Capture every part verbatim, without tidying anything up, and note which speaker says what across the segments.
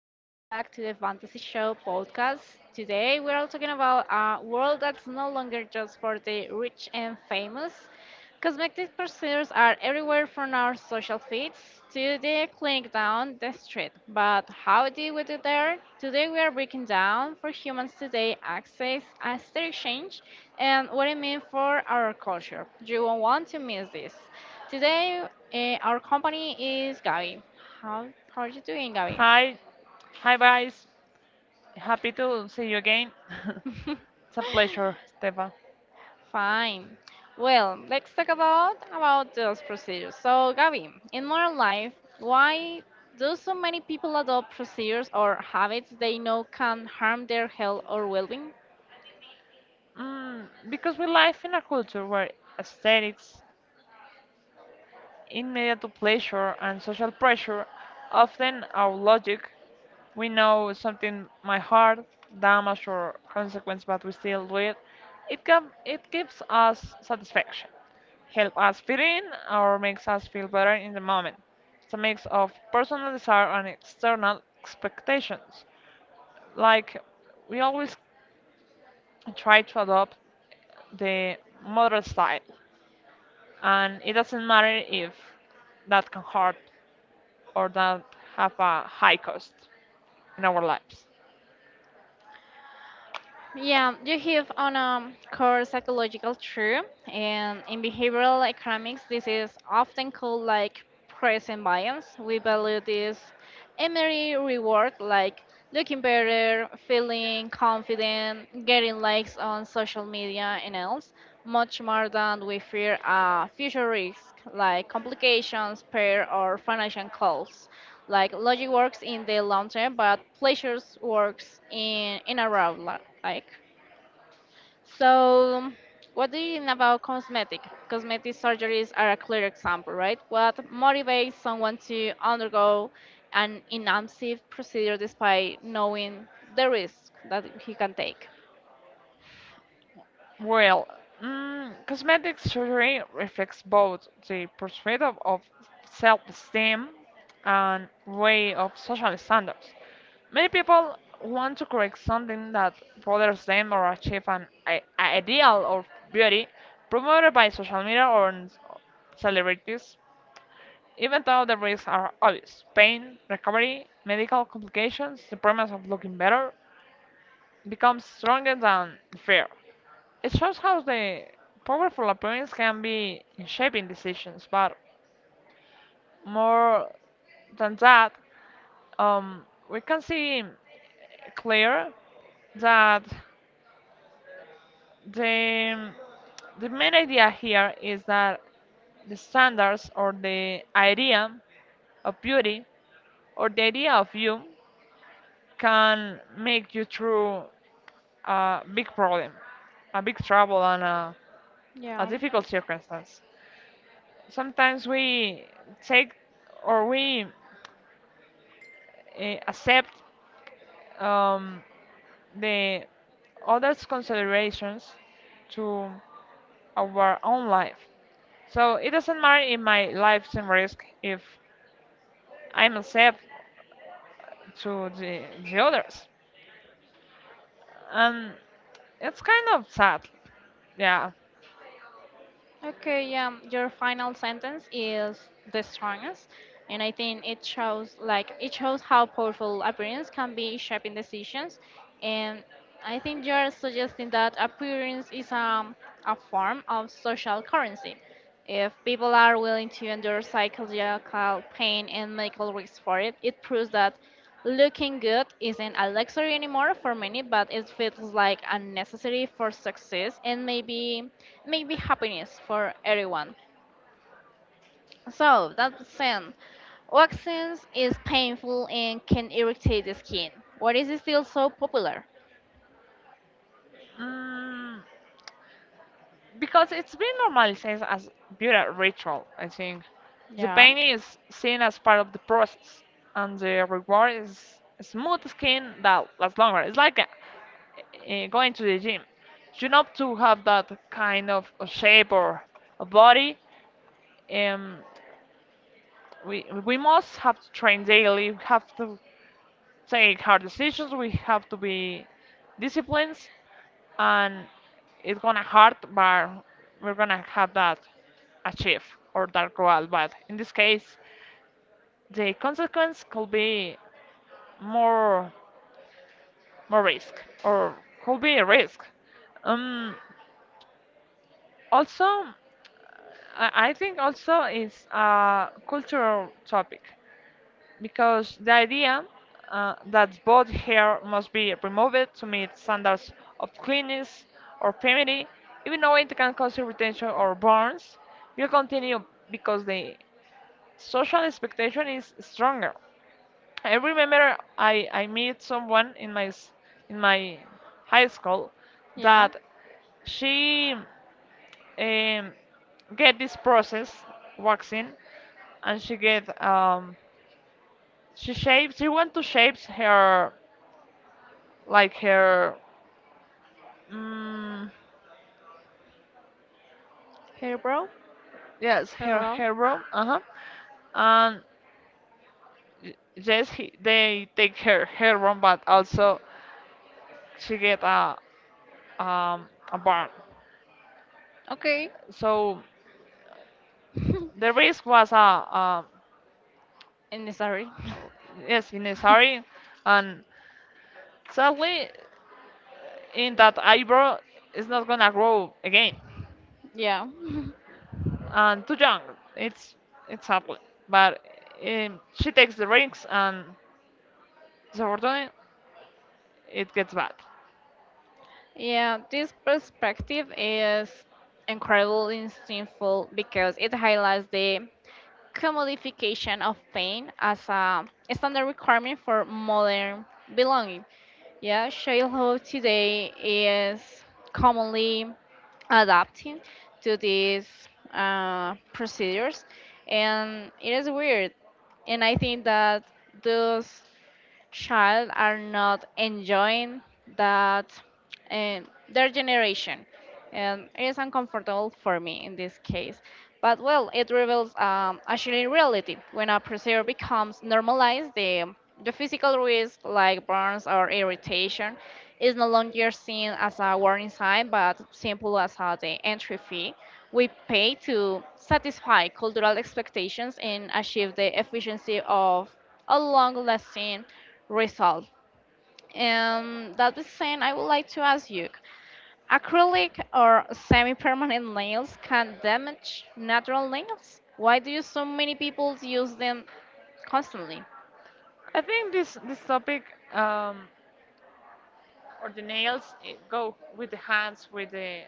Speaker 1: Welcome back to the Fantasy Show podcast. Today, we're all talking about a world that's no longer just for the rich and famous. Cosmetic procedures are everywhere from our social feeds to the clinic down the street. But how do we do there? Today, we are breaking down for humans today access, aesthetic change, and what it means for our culture. You won't want to miss this. Today, uh, our company is Gabi. How, how are you doing, Gabi?
Speaker 2: Hi, hi, guys. Happy to see you again. It's a pleasure, Stefan.
Speaker 1: Fine. Well, let's talk about about those procedures. So, Gabi, in modern life, why do so many people adopt procedures or habits they know can harm their health or well-being?
Speaker 2: Mm, because we live in a culture where aesthetics immediate pleasure and social pressure, often our logic. We know something might hurt, damage, or consequence, but we still do it. It, can, it gives us satisfaction, help us fit in, or makes us feel better in the moment. It's a mix of personal desire and external expectations. Like, we always try to adopt the model style, and it doesn't matter if that can hurt or that have a high cost in our lives?
Speaker 1: Yeah, you have on a core psychological truth, and in behavioral economics, this is often called like present bias. We value this immediate reward, like looking better, feeling confident, getting likes on social media, and else, much more than we fear a future risk, like complications, pair, or financial calls. Like logic works in the long term, but pleasures works in in a route, like. So, what do you think about cosmetic? Cosmetic surgeries are a clear example, right? What motivates someone to undergo an invasive procedure despite knowing the risk that he can take?
Speaker 2: Well, mm, cosmetic surgery reflects both the pursuit of, of self esteem and way of social standards. Many people want to correct something that bothers them or achieve an i- ideal of beauty promoted by social media or in s- celebrities, even though the risks are obvious pain, recovery, medical complications, the promise of looking better, becomes stronger than fear. It shows how the powerful appearance can be in shaping decisions, but more than that, um, we can see clear that the the main idea here is that the standards or the idea of beauty or the idea of you can make you through a big problem, a big trouble, and a, a
Speaker 1: Yeah.
Speaker 2: difficult circumstance. Sometimes we take or we uh, accept um, the others' considerations to our own life. So it doesn't matter if my life's in risk if I'm accept to the, the others. And it's kind of sad. Yeah.
Speaker 1: Okay, um, your final sentence is the strongest, and I think it shows like it shows how powerful appearance can be in shaping decisions, and I think you're suggesting that appearance is um, a form of social currency, if people are willing to endure psychological pain and medical risks for it, it proves that looking good isn't a luxury anymore for many, but it feels like a necessity for success and maybe maybe happiness for everyone. So that's sin. Waxing is painful and can irritate the skin. Why is it still so popular?
Speaker 2: Mm, because it's been normalized as beauty ritual. I think the
Speaker 1: Yeah.
Speaker 2: pain is seen as part of the process, and the reward is smooth skin that lasts longer. It's like uh, uh, going to the gym. You know to have that kind of a shape or a body. Um, we we must have to train daily. We have to take hard decisions. We have to be disciplined and it's gonna hurt, but we're gonna have that achieve or that goal. But in this case, the consequence could be more more risk or could be a risk. Um, also, I I think also it's a cultural topic because the idea uh, that both hair must be removed to meet standards of cleanliness or purity, even though it can cause irritation or burns, will continue because the social expectation is stronger. I remember I, I met someone in my s- in my high school
Speaker 1: Yeah.
Speaker 2: that she um, get this process waxing and she get um, she shapes she want to shapes her like her mm,
Speaker 1: Hair brow?
Speaker 2: yes
Speaker 1: Hair
Speaker 2: her
Speaker 1: brow?
Speaker 2: her room. Uh-huh. And y- yes he, they take her her room but also she get a um a burn.
Speaker 1: Okay.
Speaker 2: So the risk was a uh, um,
Speaker 1: And sorry.
Speaker 2: yes necessary and sadly in that eyebrow is not gonna grow again
Speaker 1: Yeah.
Speaker 2: and too young it's it's ugly but um, she takes the rings and so unfortunately, it gets bad.
Speaker 1: Yeah, this perspective is incredibly insightful because it highlights the commodification of pain as a standard requirement for modern belonging. Yeah, childhood today is commonly adapting to these uh, procedures, and it is weird and I think that those child are not enjoying that uh, their generation, and it is uncomfortable for me in this case. But well, it reveals um, actually reality. When a procedure becomes normalized, the the physical risk like burns or irritation is no longer seen as a warning sign but simple as a, the entry fee we pay to satisfy cultural expectations and achieve the efficiency of a long-lasting result. And that is saying, I would like to ask you, acrylic or semi permanent nails can damage natural nails? Why do so many people use them constantly?
Speaker 2: I think this this topic um, or the nails eh, go with the hands with the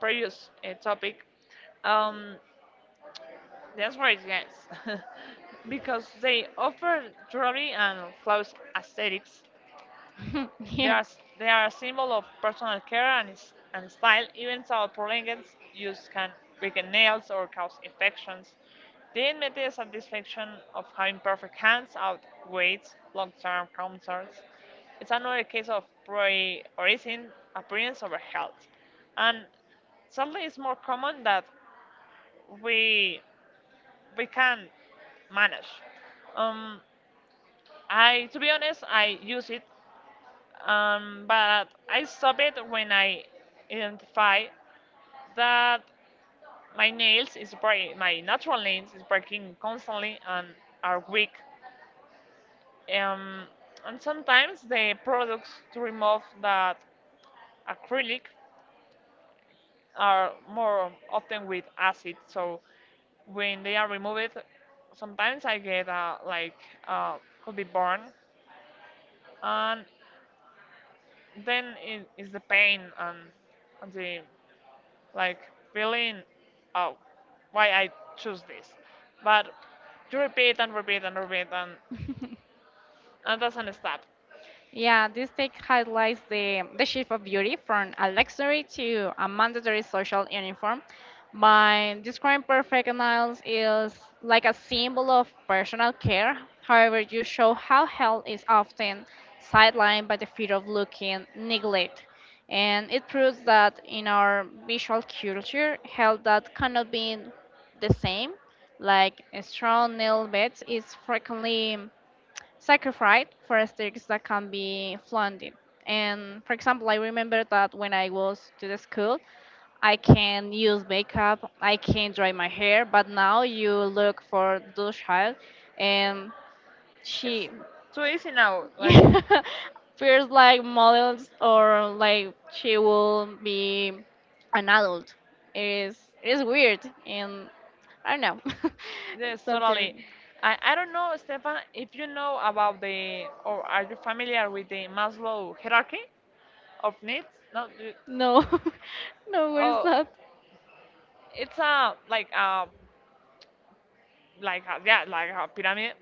Speaker 2: previous uh, topic. Um, the answer yes, because they offer jewelry and flawless aesthetics. They
Speaker 1: Yeah.
Speaker 2: are, they are a symbol of personal care and, s- and style, even though prolonged use can weaken nails or cause infections. They admit the satisfaction of having perfect hands outweighs long-term concerns. It's another case of prioritizing appearance over health, and sadly, it's more common that we we can manage. Um, I, to be honest, I use it um, but I stop it when I identify that my nails is break, my natural nails is breaking constantly and are weak. Um, and sometimes the products to remove that acrylic are more often with acid. So when they are removed, sometimes I get uh, like uh, could be burn, and then it is the pain and, and the like feeling, oh, why I choose this. But you repeat and repeat and repeat and, and doesn't stop.
Speaker 1: Yeah, this take highlights the, the shift of beauty from a luxury to a mandatory social uniform. By describing perfect nails is like a symbol of personal care. However, you show how health is often sidelined by the fear of looking neglect. And it proves that in our visual culture, health that cannot be the same, like a strong nail beds, is frequently sacrificed for aesthetics that can be flooded. And for example, I remember that when I was to the school, I can use makeup, I can dry my hair, but now you look for the child and
Speaker 2: It's
Speaker 1: she
Speaker 2: too easy now. Like
Speaker 1: yeah, feels like models or like she will be an adult. It is it is weird, and I don't know.
Speaker 2: yes,
Speaker 1: It's
Speaker 2: totally.
Speaker 1: something.
Speaker 2: I, I don't know, Stefan, if you know about the or are you familiar with the Maslow hierarchy of needs? No, you,
Speaker 1: No. No, what is
Speaker 2: oh,
Speaker 1: that?
Speaker 2: it's a like a like a, yeah like a pyramid,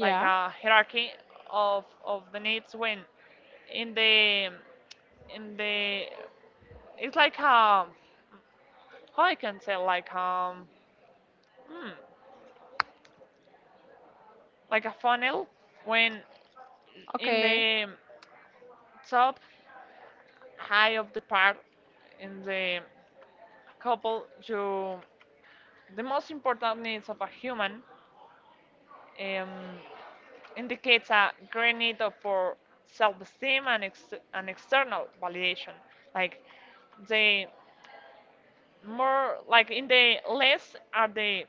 Speaker 2: like a hierarchy of of the needs when in the in the. It's like um, how I can say like um, hmm, like a funnel when in
Speaker 1: Okay.
Speaker 2: the top high of the part in the couple you the most important needs of a human um, indicates a great need of- for self-esteem and, ex- and external validation like the more like in the less are the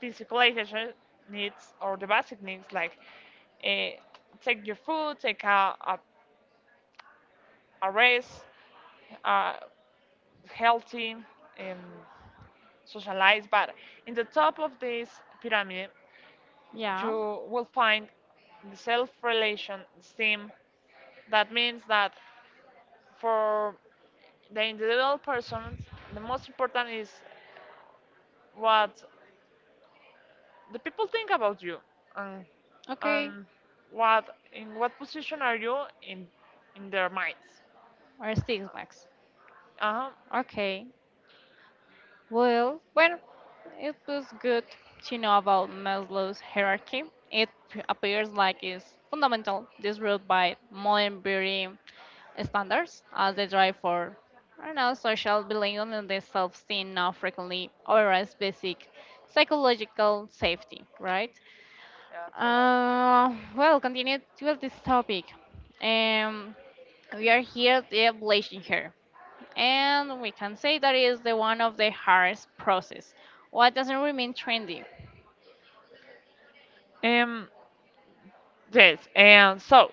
Speaker 2: physical education needs or the basic needs like uh, take your food, take a, a, a rest, uh, healthy, um, socialize. But in the top of this pyramid,
Speaker 1: Yeah.
Speaker 2: you will find the self-relation theme. That means that for the individual person, the most important is what the people think about you and
Speaker 1: Okay.
Speaker 2: and what in what position are you in in their minds.
Speaker 1: Or Six Max.
Speaker 2: Uh-huh.
Speaker 1: Okay. Well, well, it was good to know about Maslow's hierarchy. It p- appears like it's fundamental, this rule by modern beauty standards as they drive for, I don't know, social belonging, and the self-esteem now frequently overrides basic psychological safety, right?
Speaker 2: Yeah, totally.
Speaker 1: Uh, well, continue with this topic. Um, we are here the ablation here, and we can say that is the one of the hardest process. What doesn't remain trendy?
Speaker 2: um yes and so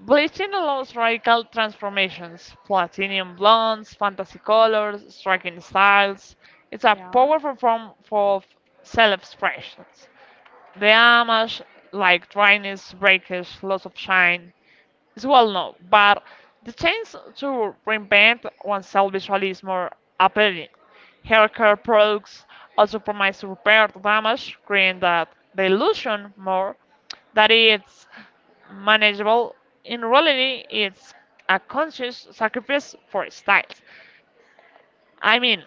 Speaker 2: bleaching allows radical transformations platinum blondes fantasy colors striking styles. It's a
Speaker 1: Yeah.
Speaker 2: powerful form of self-expressions. The damage, like dryness, breakage, loss of shine, is well known, but the chance to reinvent oneself visually is more appealing. Hair care products also promise to repair the damage, creating that the illusion more that it's manageable. In reality, it's a conscious sacrifice for styles. I mean,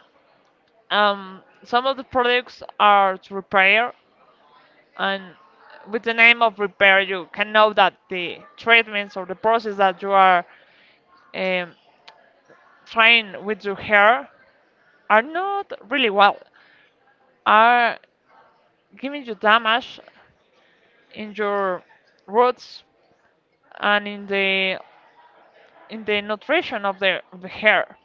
Speaker 2: um, some of the products are to repair and with the name of repair you can know that the treatments or the process that you are um, trying with your hair are not really well are giving you damage in your roots and in the in the nutrition of the, of the hair.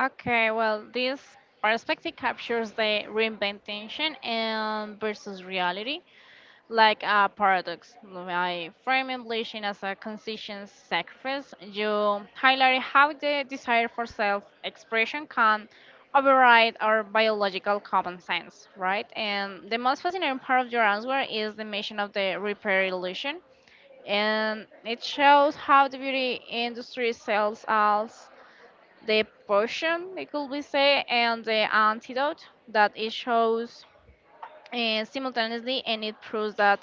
Speaker 1: Okay, well, this perspective captures the reinvention and versus reality like a paradox. I frame ambition as a consistent sacrifice. You highlight how the desire for self expression can override our biological common sense, right? And the most fascinating part of your answer is the mention of the repair illusion. And it shows how the beauty industry sells us the potion, it could be say, and the antidote that it shows uh, simultaneously, and it proves that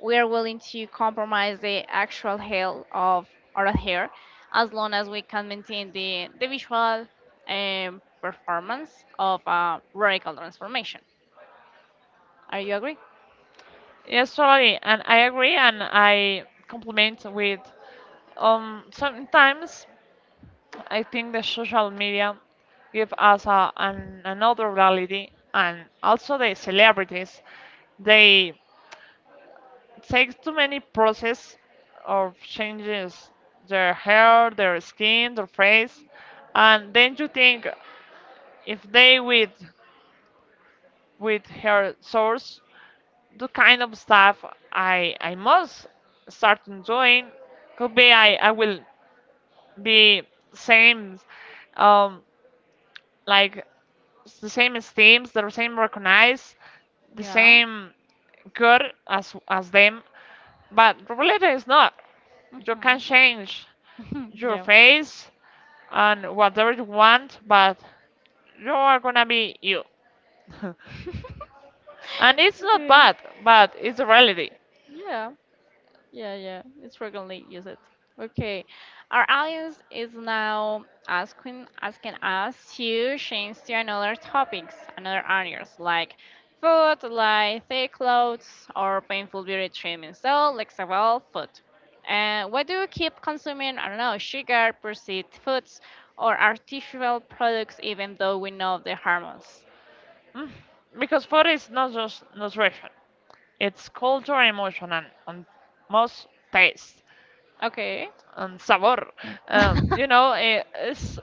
Speaker 1: we are willing to compromise the actual health of our hair as long as we can maintain the, the visual um, performance of a radical transformation. Are you agree?
Speaker 2: Yes, totally. And I agree and I compliment with um sometimes I think the social media give us a, an, another reality, and also the celebrities, they take too many process of changes their hair, their skin, their face, and then you think if they with with her source, the kind of stuff I I must start doing could be I I will be same um like it's the same esteems, the same recognize, the
Speaker 1: Yeah.
Speaker 2: same good as as them. But reality is not. You can change
Speaker 1: Mhm.
Speaker 2: your
Speaker 1: Yeah.
Speaker 2: face and whatever you want, but you are gonna be you. And it's not bad, but it's a reality.
Speaker 1: Yeah. Yeah, yeah, it's frequently used. Okay, our audience is now asking asking us to change to another topics, another areas like food, like thick clothes, or painful beauty treatment. So let's about food. And why do you keep consuming? I don't know, sugar, processed foods, or artificial products, even though we know the harmful.
Speaker 2: Mm. Because food is not just nutrition. It's culture, emotion, and, and most taste.
Speaker 1: Okay.
Speaker 2: And Sabor. Um, you know, eh, it's,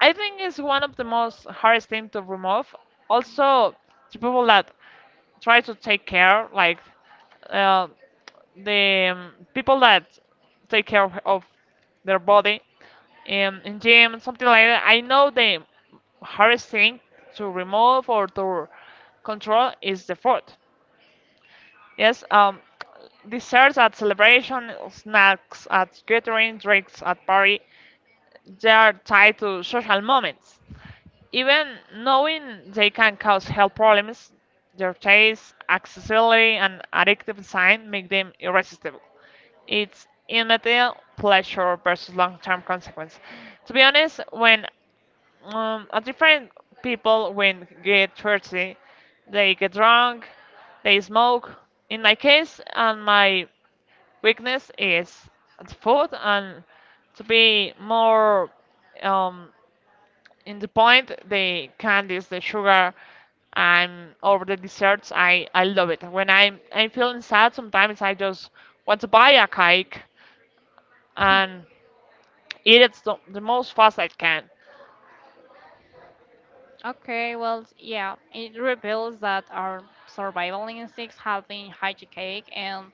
Speaker 2: I think it's one of the most hardest thing to remove. Also, to people that try to take care, like uh, the um, people that take care of, of their body um, in gym, something like that. I know the hardest thing to remove or to control is the food. Yes, um, desserts at celebration, snacks at gathering, drinks at party, they are tied to social moments. Even knowing they can cause health problems, their taste, accessibility, and addictive design make them irresistible. It's immediate pleasure versus long-term consequence. To be honest, when um, a different people when get thirsty, they get drunk, they smoke. In my case, and my weakness is the food and to be more um, in the point, the candies, the sugar, and over the desserts. I, I love it. When I'm I'm feeling sad, sometimes I just want to buy a cake and eat it the the most fast I can.
Speaker 1: Okay, well, yeah, it reveals that our survival instincts have been hijacked, and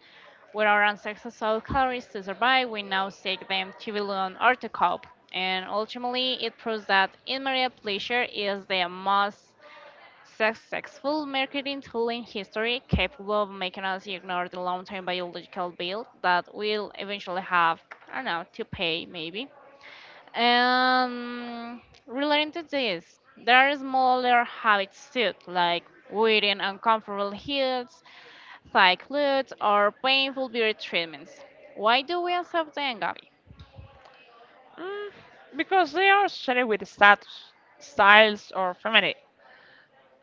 Speaker 1: with our ancestors' saw calories to survive, we now seek them to belong or to cope. And ultimately, it proves that immediate pleasure is the most successful marketing tool in history, capable of making us ignore the long-term biological bill that we'll eventually have, I don't know, to pay maybe. And relating to this, there are smaller habits too, like wearing uncomfortable heels, thigh clothes, or painful beauty treatments. Why do we accept them, Gabby?
Speaker 2: Mm, because they are associated with status, styles, or femininity,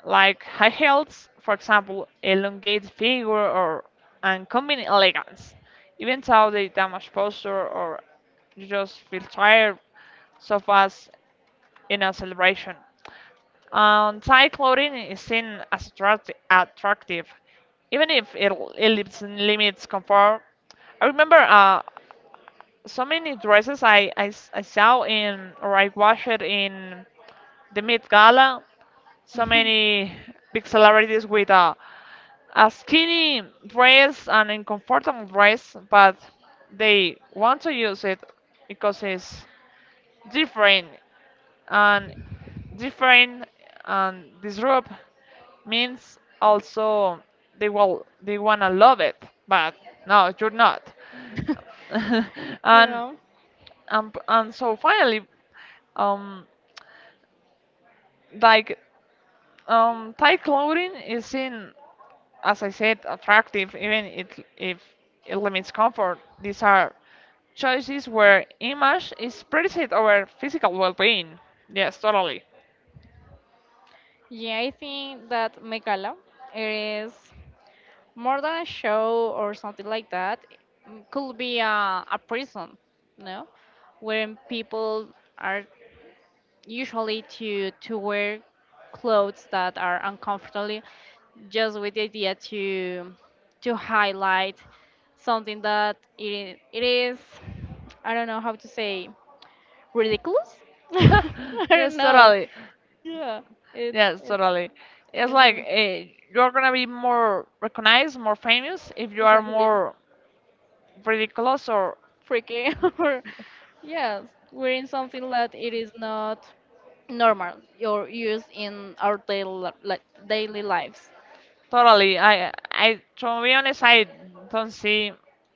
Speaker 2: like high heels, for example, elongated figure or uncommon elegance. Even though they damage posture or you just feel tired, so fast in a celebration. And tight clothing is seen as attract- attractive, even if it, it limits limits comfort. I remember uh, so many dresses I, I s- I saw in or I watched it in the Met Gala. So many big celebrities with a, a skinny dress and a comfortable dress, but they want to use it because it's different and different and disrupt means also they will they wanna love it, but no, you're not.
Speaker 1: You
Speaker 2: and
Speaker 1: know?
Speaker 2: and, p- and so finally um like um tight clothing is seen as I said attractive even it, if it limits comfort these are choices where image is preset over physical well-being. Yes, totally.
Speaker 1: Yeah, I think that Megala, it is more than a show or something like that. It could be a, a prison, no? Where people are usually to to wear clothes that are uncomfortable just with the idea to to highlight something that it, it is, I don't know how to say, ridiculous. I
Speaker 2: Yes,
Speaker 1: don't know.
Speaker 2: totally.
Speaker 1: Yeah, it's
Speaker 2: Yes,
Speaker 1: it's,
Speaker 2: totally. It's
Speaker 1: it's
Speaker 2: like
Speaker 1: like,
Speaker 2: uh, you're gonna be more recognized, more famous if you
Speaker 1: it's
Speaker 2: are
Speaker 1: like being
Speaker 2: more ridiculous or
Speaker 1: freaky, or yes, wearing something that it is not normal or used in our daily, li- li- daily lives.
Speaker 2: totally. I, I, to be honest, I don't see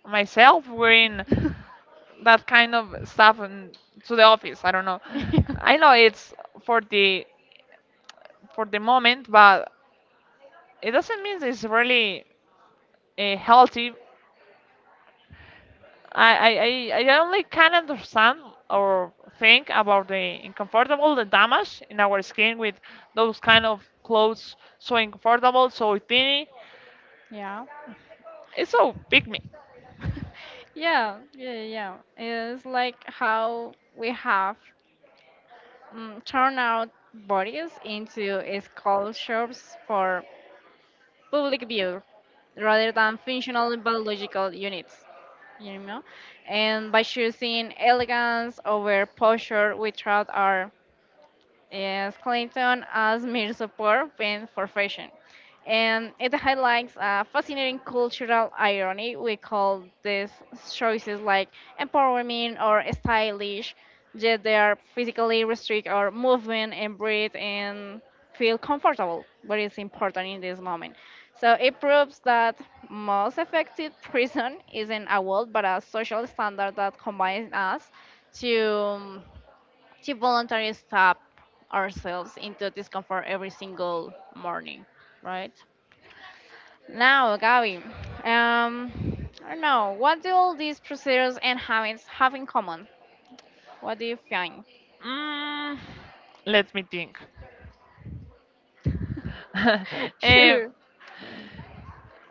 Speaker 2: myself wearing that kind of stuff in, to the office. I don't know. I know it's for the for the moment, but it doesn't mean it's really uh, healthy. I, I, I I only can understand or think about the uncomfortable, the damage in our skin with those kind of clothes so uncomfortable, so tiny.
Speaker 1: Yeah.
Speaker 2: It's so big. Me.
Speaker 1: Yeah, yeah, yeah. It's like how we have um, turned out bodies into sculptures for public view rather than functional biological units, you know? And by choosing elegance over posture, we trust our Yes, Clayton as mere support went for fashion. And it highlights a fascinating cultural irony. We call these choices like empowerment or stylish, yet they are physically restrict our movement and breathe and feel comfortable, what is important in this moment. So it proves that most effective prison isn't a wall but a social standard that combines us to um, to voluntarily stop ourselves into discomfort every single morning, right? Now, Gabi, um, I don't know, what do all these procedures and habits have in common? What do you think?
Speaker 2: Mm, let me think. Eh,
Speaker 1: Sure.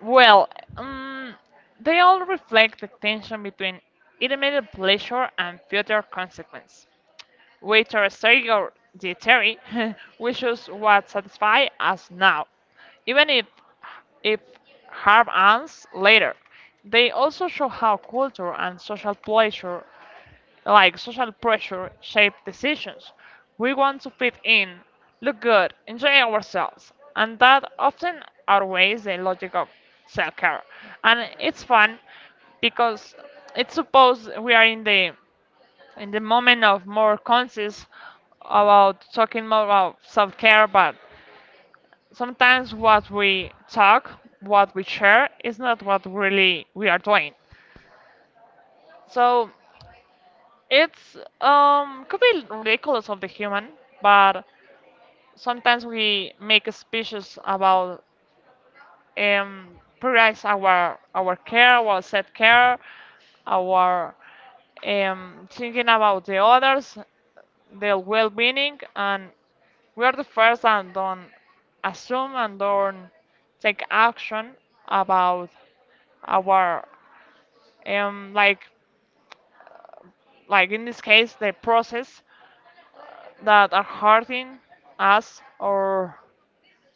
Speaker 2: well, um, they all reflect the tension between immediate pleasure and future consequence. With our theory, the theory, we choose what satisfy us now, even if if harm ends later. They also show how culture and social pressure, like social pressure, shape decisions. We want to fit in, look good, enjoy ourselves, and that often outweighs the logic of self-care. And it's fun because it's suppose we are in the in the moment of more conscious about talking more about self-care, but sometimes what we talk, what we share is not what really we are doing. So it's um could be ridiculous of the human, but sometimes we make a speeches about um prioritize our our care, our self care, our um thinking about the others, their well being, and we are the first and don't assume and don't take action about our, um, like, like in this case, the process that are hurting us or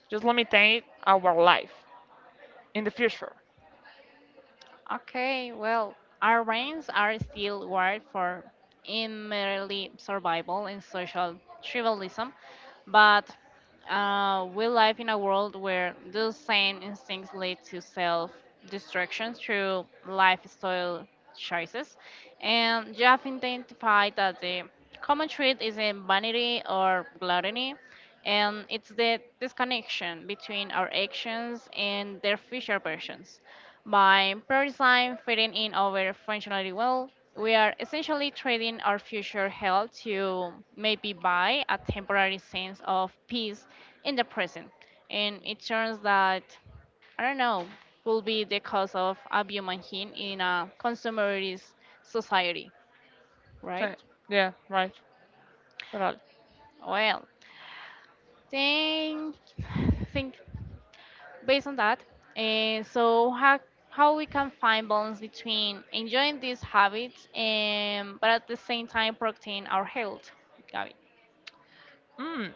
Speaker 2: just limitate our life in the future.
Speaker 1: Okay, well, our brains are still wired for immediately survival and social tribalism. But uh, we live in a world where those same instincts lead to self destruction through lifestyle choices. And you have identified that the common trait is in vanity or gluttony, and it's the disconnection between our actions and their future versions. By prioritizing fitting in over functionality well, we are essentially trading our future health to maybe buy a temporary sense of peace in the present. And it turns that, I don't know, will be the cause of a human being in a consumerist society, right?
Speaker 2: So, yeah, right. Totally.
Speaker 1: Well, think, think based on that, uh, so how how we can find balance between enjoying these habits and but at the same time protecting our health, Gabby.
Speaker 2: Mm.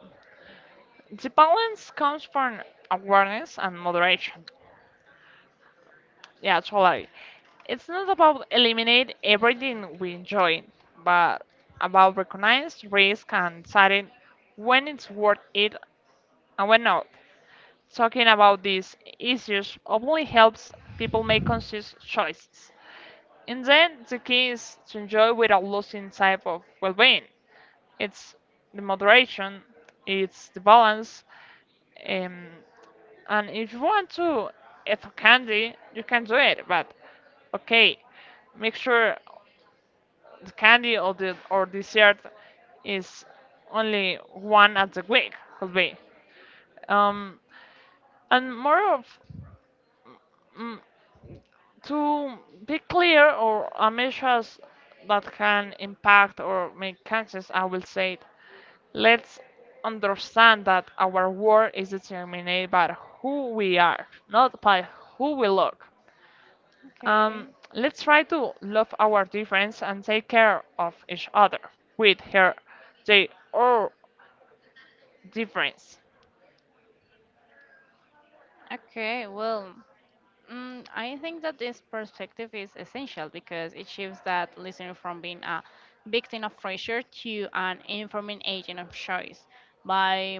Speaker 2: The balance comes from awareness and moderation. Yeah, totally. It's not about eliminate everything we enjoy, but about recognize risk and deciding when it's worth it and when not. Talking about these issues openly helps people make conscious choices. And then the key is to enjoy without losing sight of well-being. It's the moderation, it's the balance, um, and if you want to eat candy, you can do it. But okay, make sure the candy or the or dessert is only one at the week could be. Um, and more of mm, to be clear or uh, measures that can impact or make conscious, I will say it. Let's understand that our world is determined by who we are, not by who we look. Um,
Speaker 1: Okay.
Speaker 2: let's try to love our difference and take care of each other with her they all difference.
Speaker 1: Okay, well, mm, I think that this perspective is essential because it shifts that listener from being a victim of pressure to an informing agent of choice. By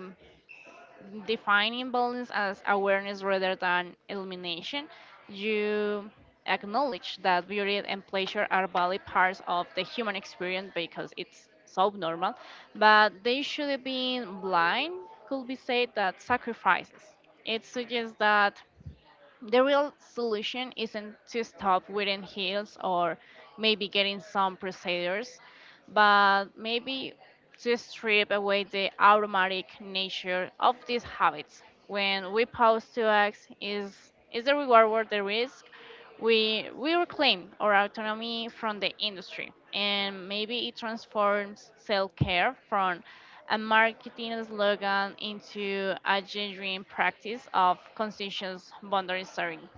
Speaker 1: defining balance as awareness rather than elimination, you acknowledge that beauty and pleasure are valid parts of the human experience because it's so normal, but they shouldn't be blind, could be said that sacrifices. It suggests that the real solution isn't to stop wearing heels or maybe getting some procedures, but maybe to strip away the automatic nature of these habits. When we pause to act, is is the reward worth the risk? We we reclaim our autonomy from the industry, and maybe it transforms self-care from a marketing slogan into a genuine practice of conscious boundary setting.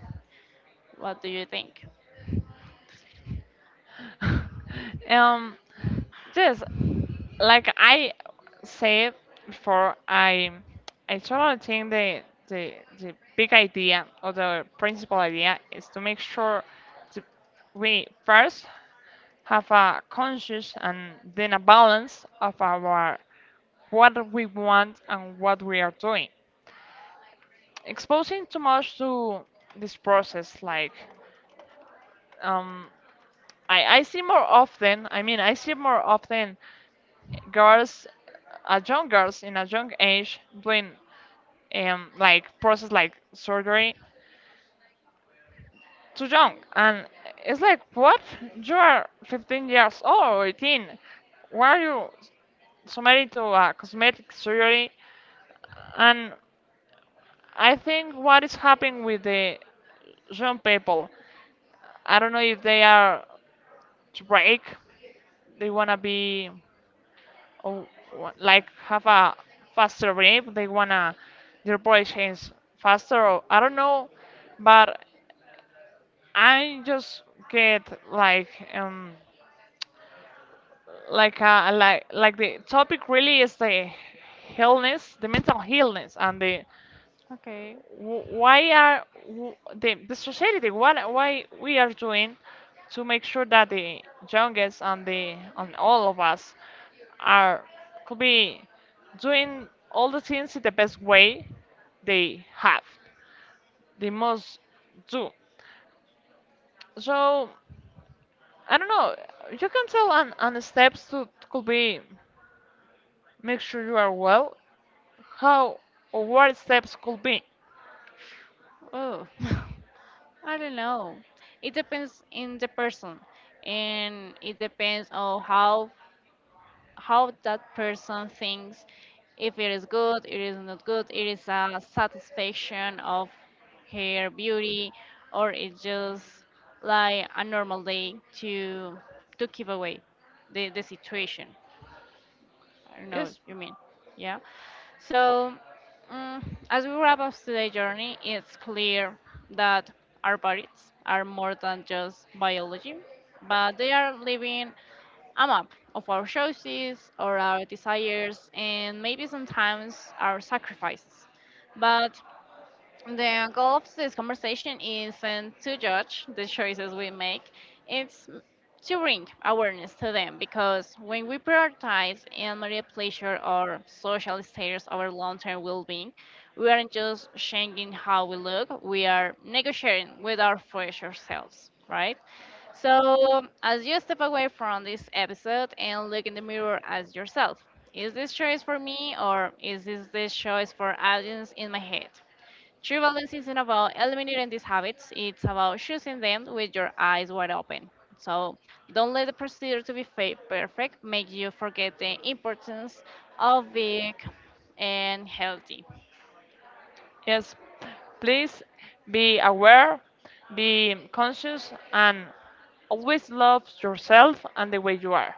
Speaker 1: What do you think?
Speaker 2: um, yes, like I said before, I I totally think the the the big idea or the principal idea is to make sure that we first have a conscious and then a balance of our what we want and what we are doing, exposing too much to this process, like um I, I see more often, i mean i see more often girls, uh, young girls in a young age doing um like process like surgery too young. And it's like, what, you are fifteen years old or eighteen, why are you submitted to a cosmetic surgery? And I think what is happening with the young people. I don't know if they are break. They wanna be, oh, wa- like have a faster rhythm. They wanna their body change faster. Or, I don't know, but I just get like um like uh like like the topic really is the illness, the mental illness and the
Speaker 1: Okay.
Speaker 2: wh- why are wh- the, the society, what why we are doing to make sure that the youngest and the and all of us are could be doing all the things in the best way they have they must do. So I don't know, you can tell on, on the steps to could be make sure you are well, how or what steps could be.
Speaker 1: Oh, I don't know. It depends in the person, and it depends on how how that person thinks if it is good, it is not good, it is a satisfaction of her beauty, or it's just like a normal day to to keep away the, the situation. I don't know what
Speaker 2: Yes.
Speaker 1: you mean. Yeah. So, mm, as we wrap up today's journey, it's clear that our bodies are more than just biology, but they are living I'm up of our choices or our desires and maybe sometimes our sacrifices. But the goal of this conversation isn't to judge the choices we make, it's to bring awareness to them because when we prioritize immediate pleasure or social status over long-term well-being, we aren't just changing how we look, we are negotiating with our future selves, right? So, as you step away from this episode and look in the mirror as yourself, is this choice for me or is this the choice for audience in my head? True balance isn't about eliminating these habits, it's about choosing them with your eyes wide open. So, don't let the procedure to be fa- perfect make you forget the importance of being and healthy.
Speaker 2: Yes, please be aware, be conscious, and always love yourself and the way you are.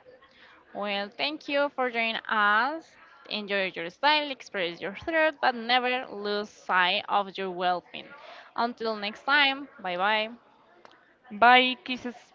Speaker 1: Well, thank you for joining us. Enjoy your style, express your thought, but never lose sight of your well being. Until next time, bye bye.
Speaker 2: Bye, kisses.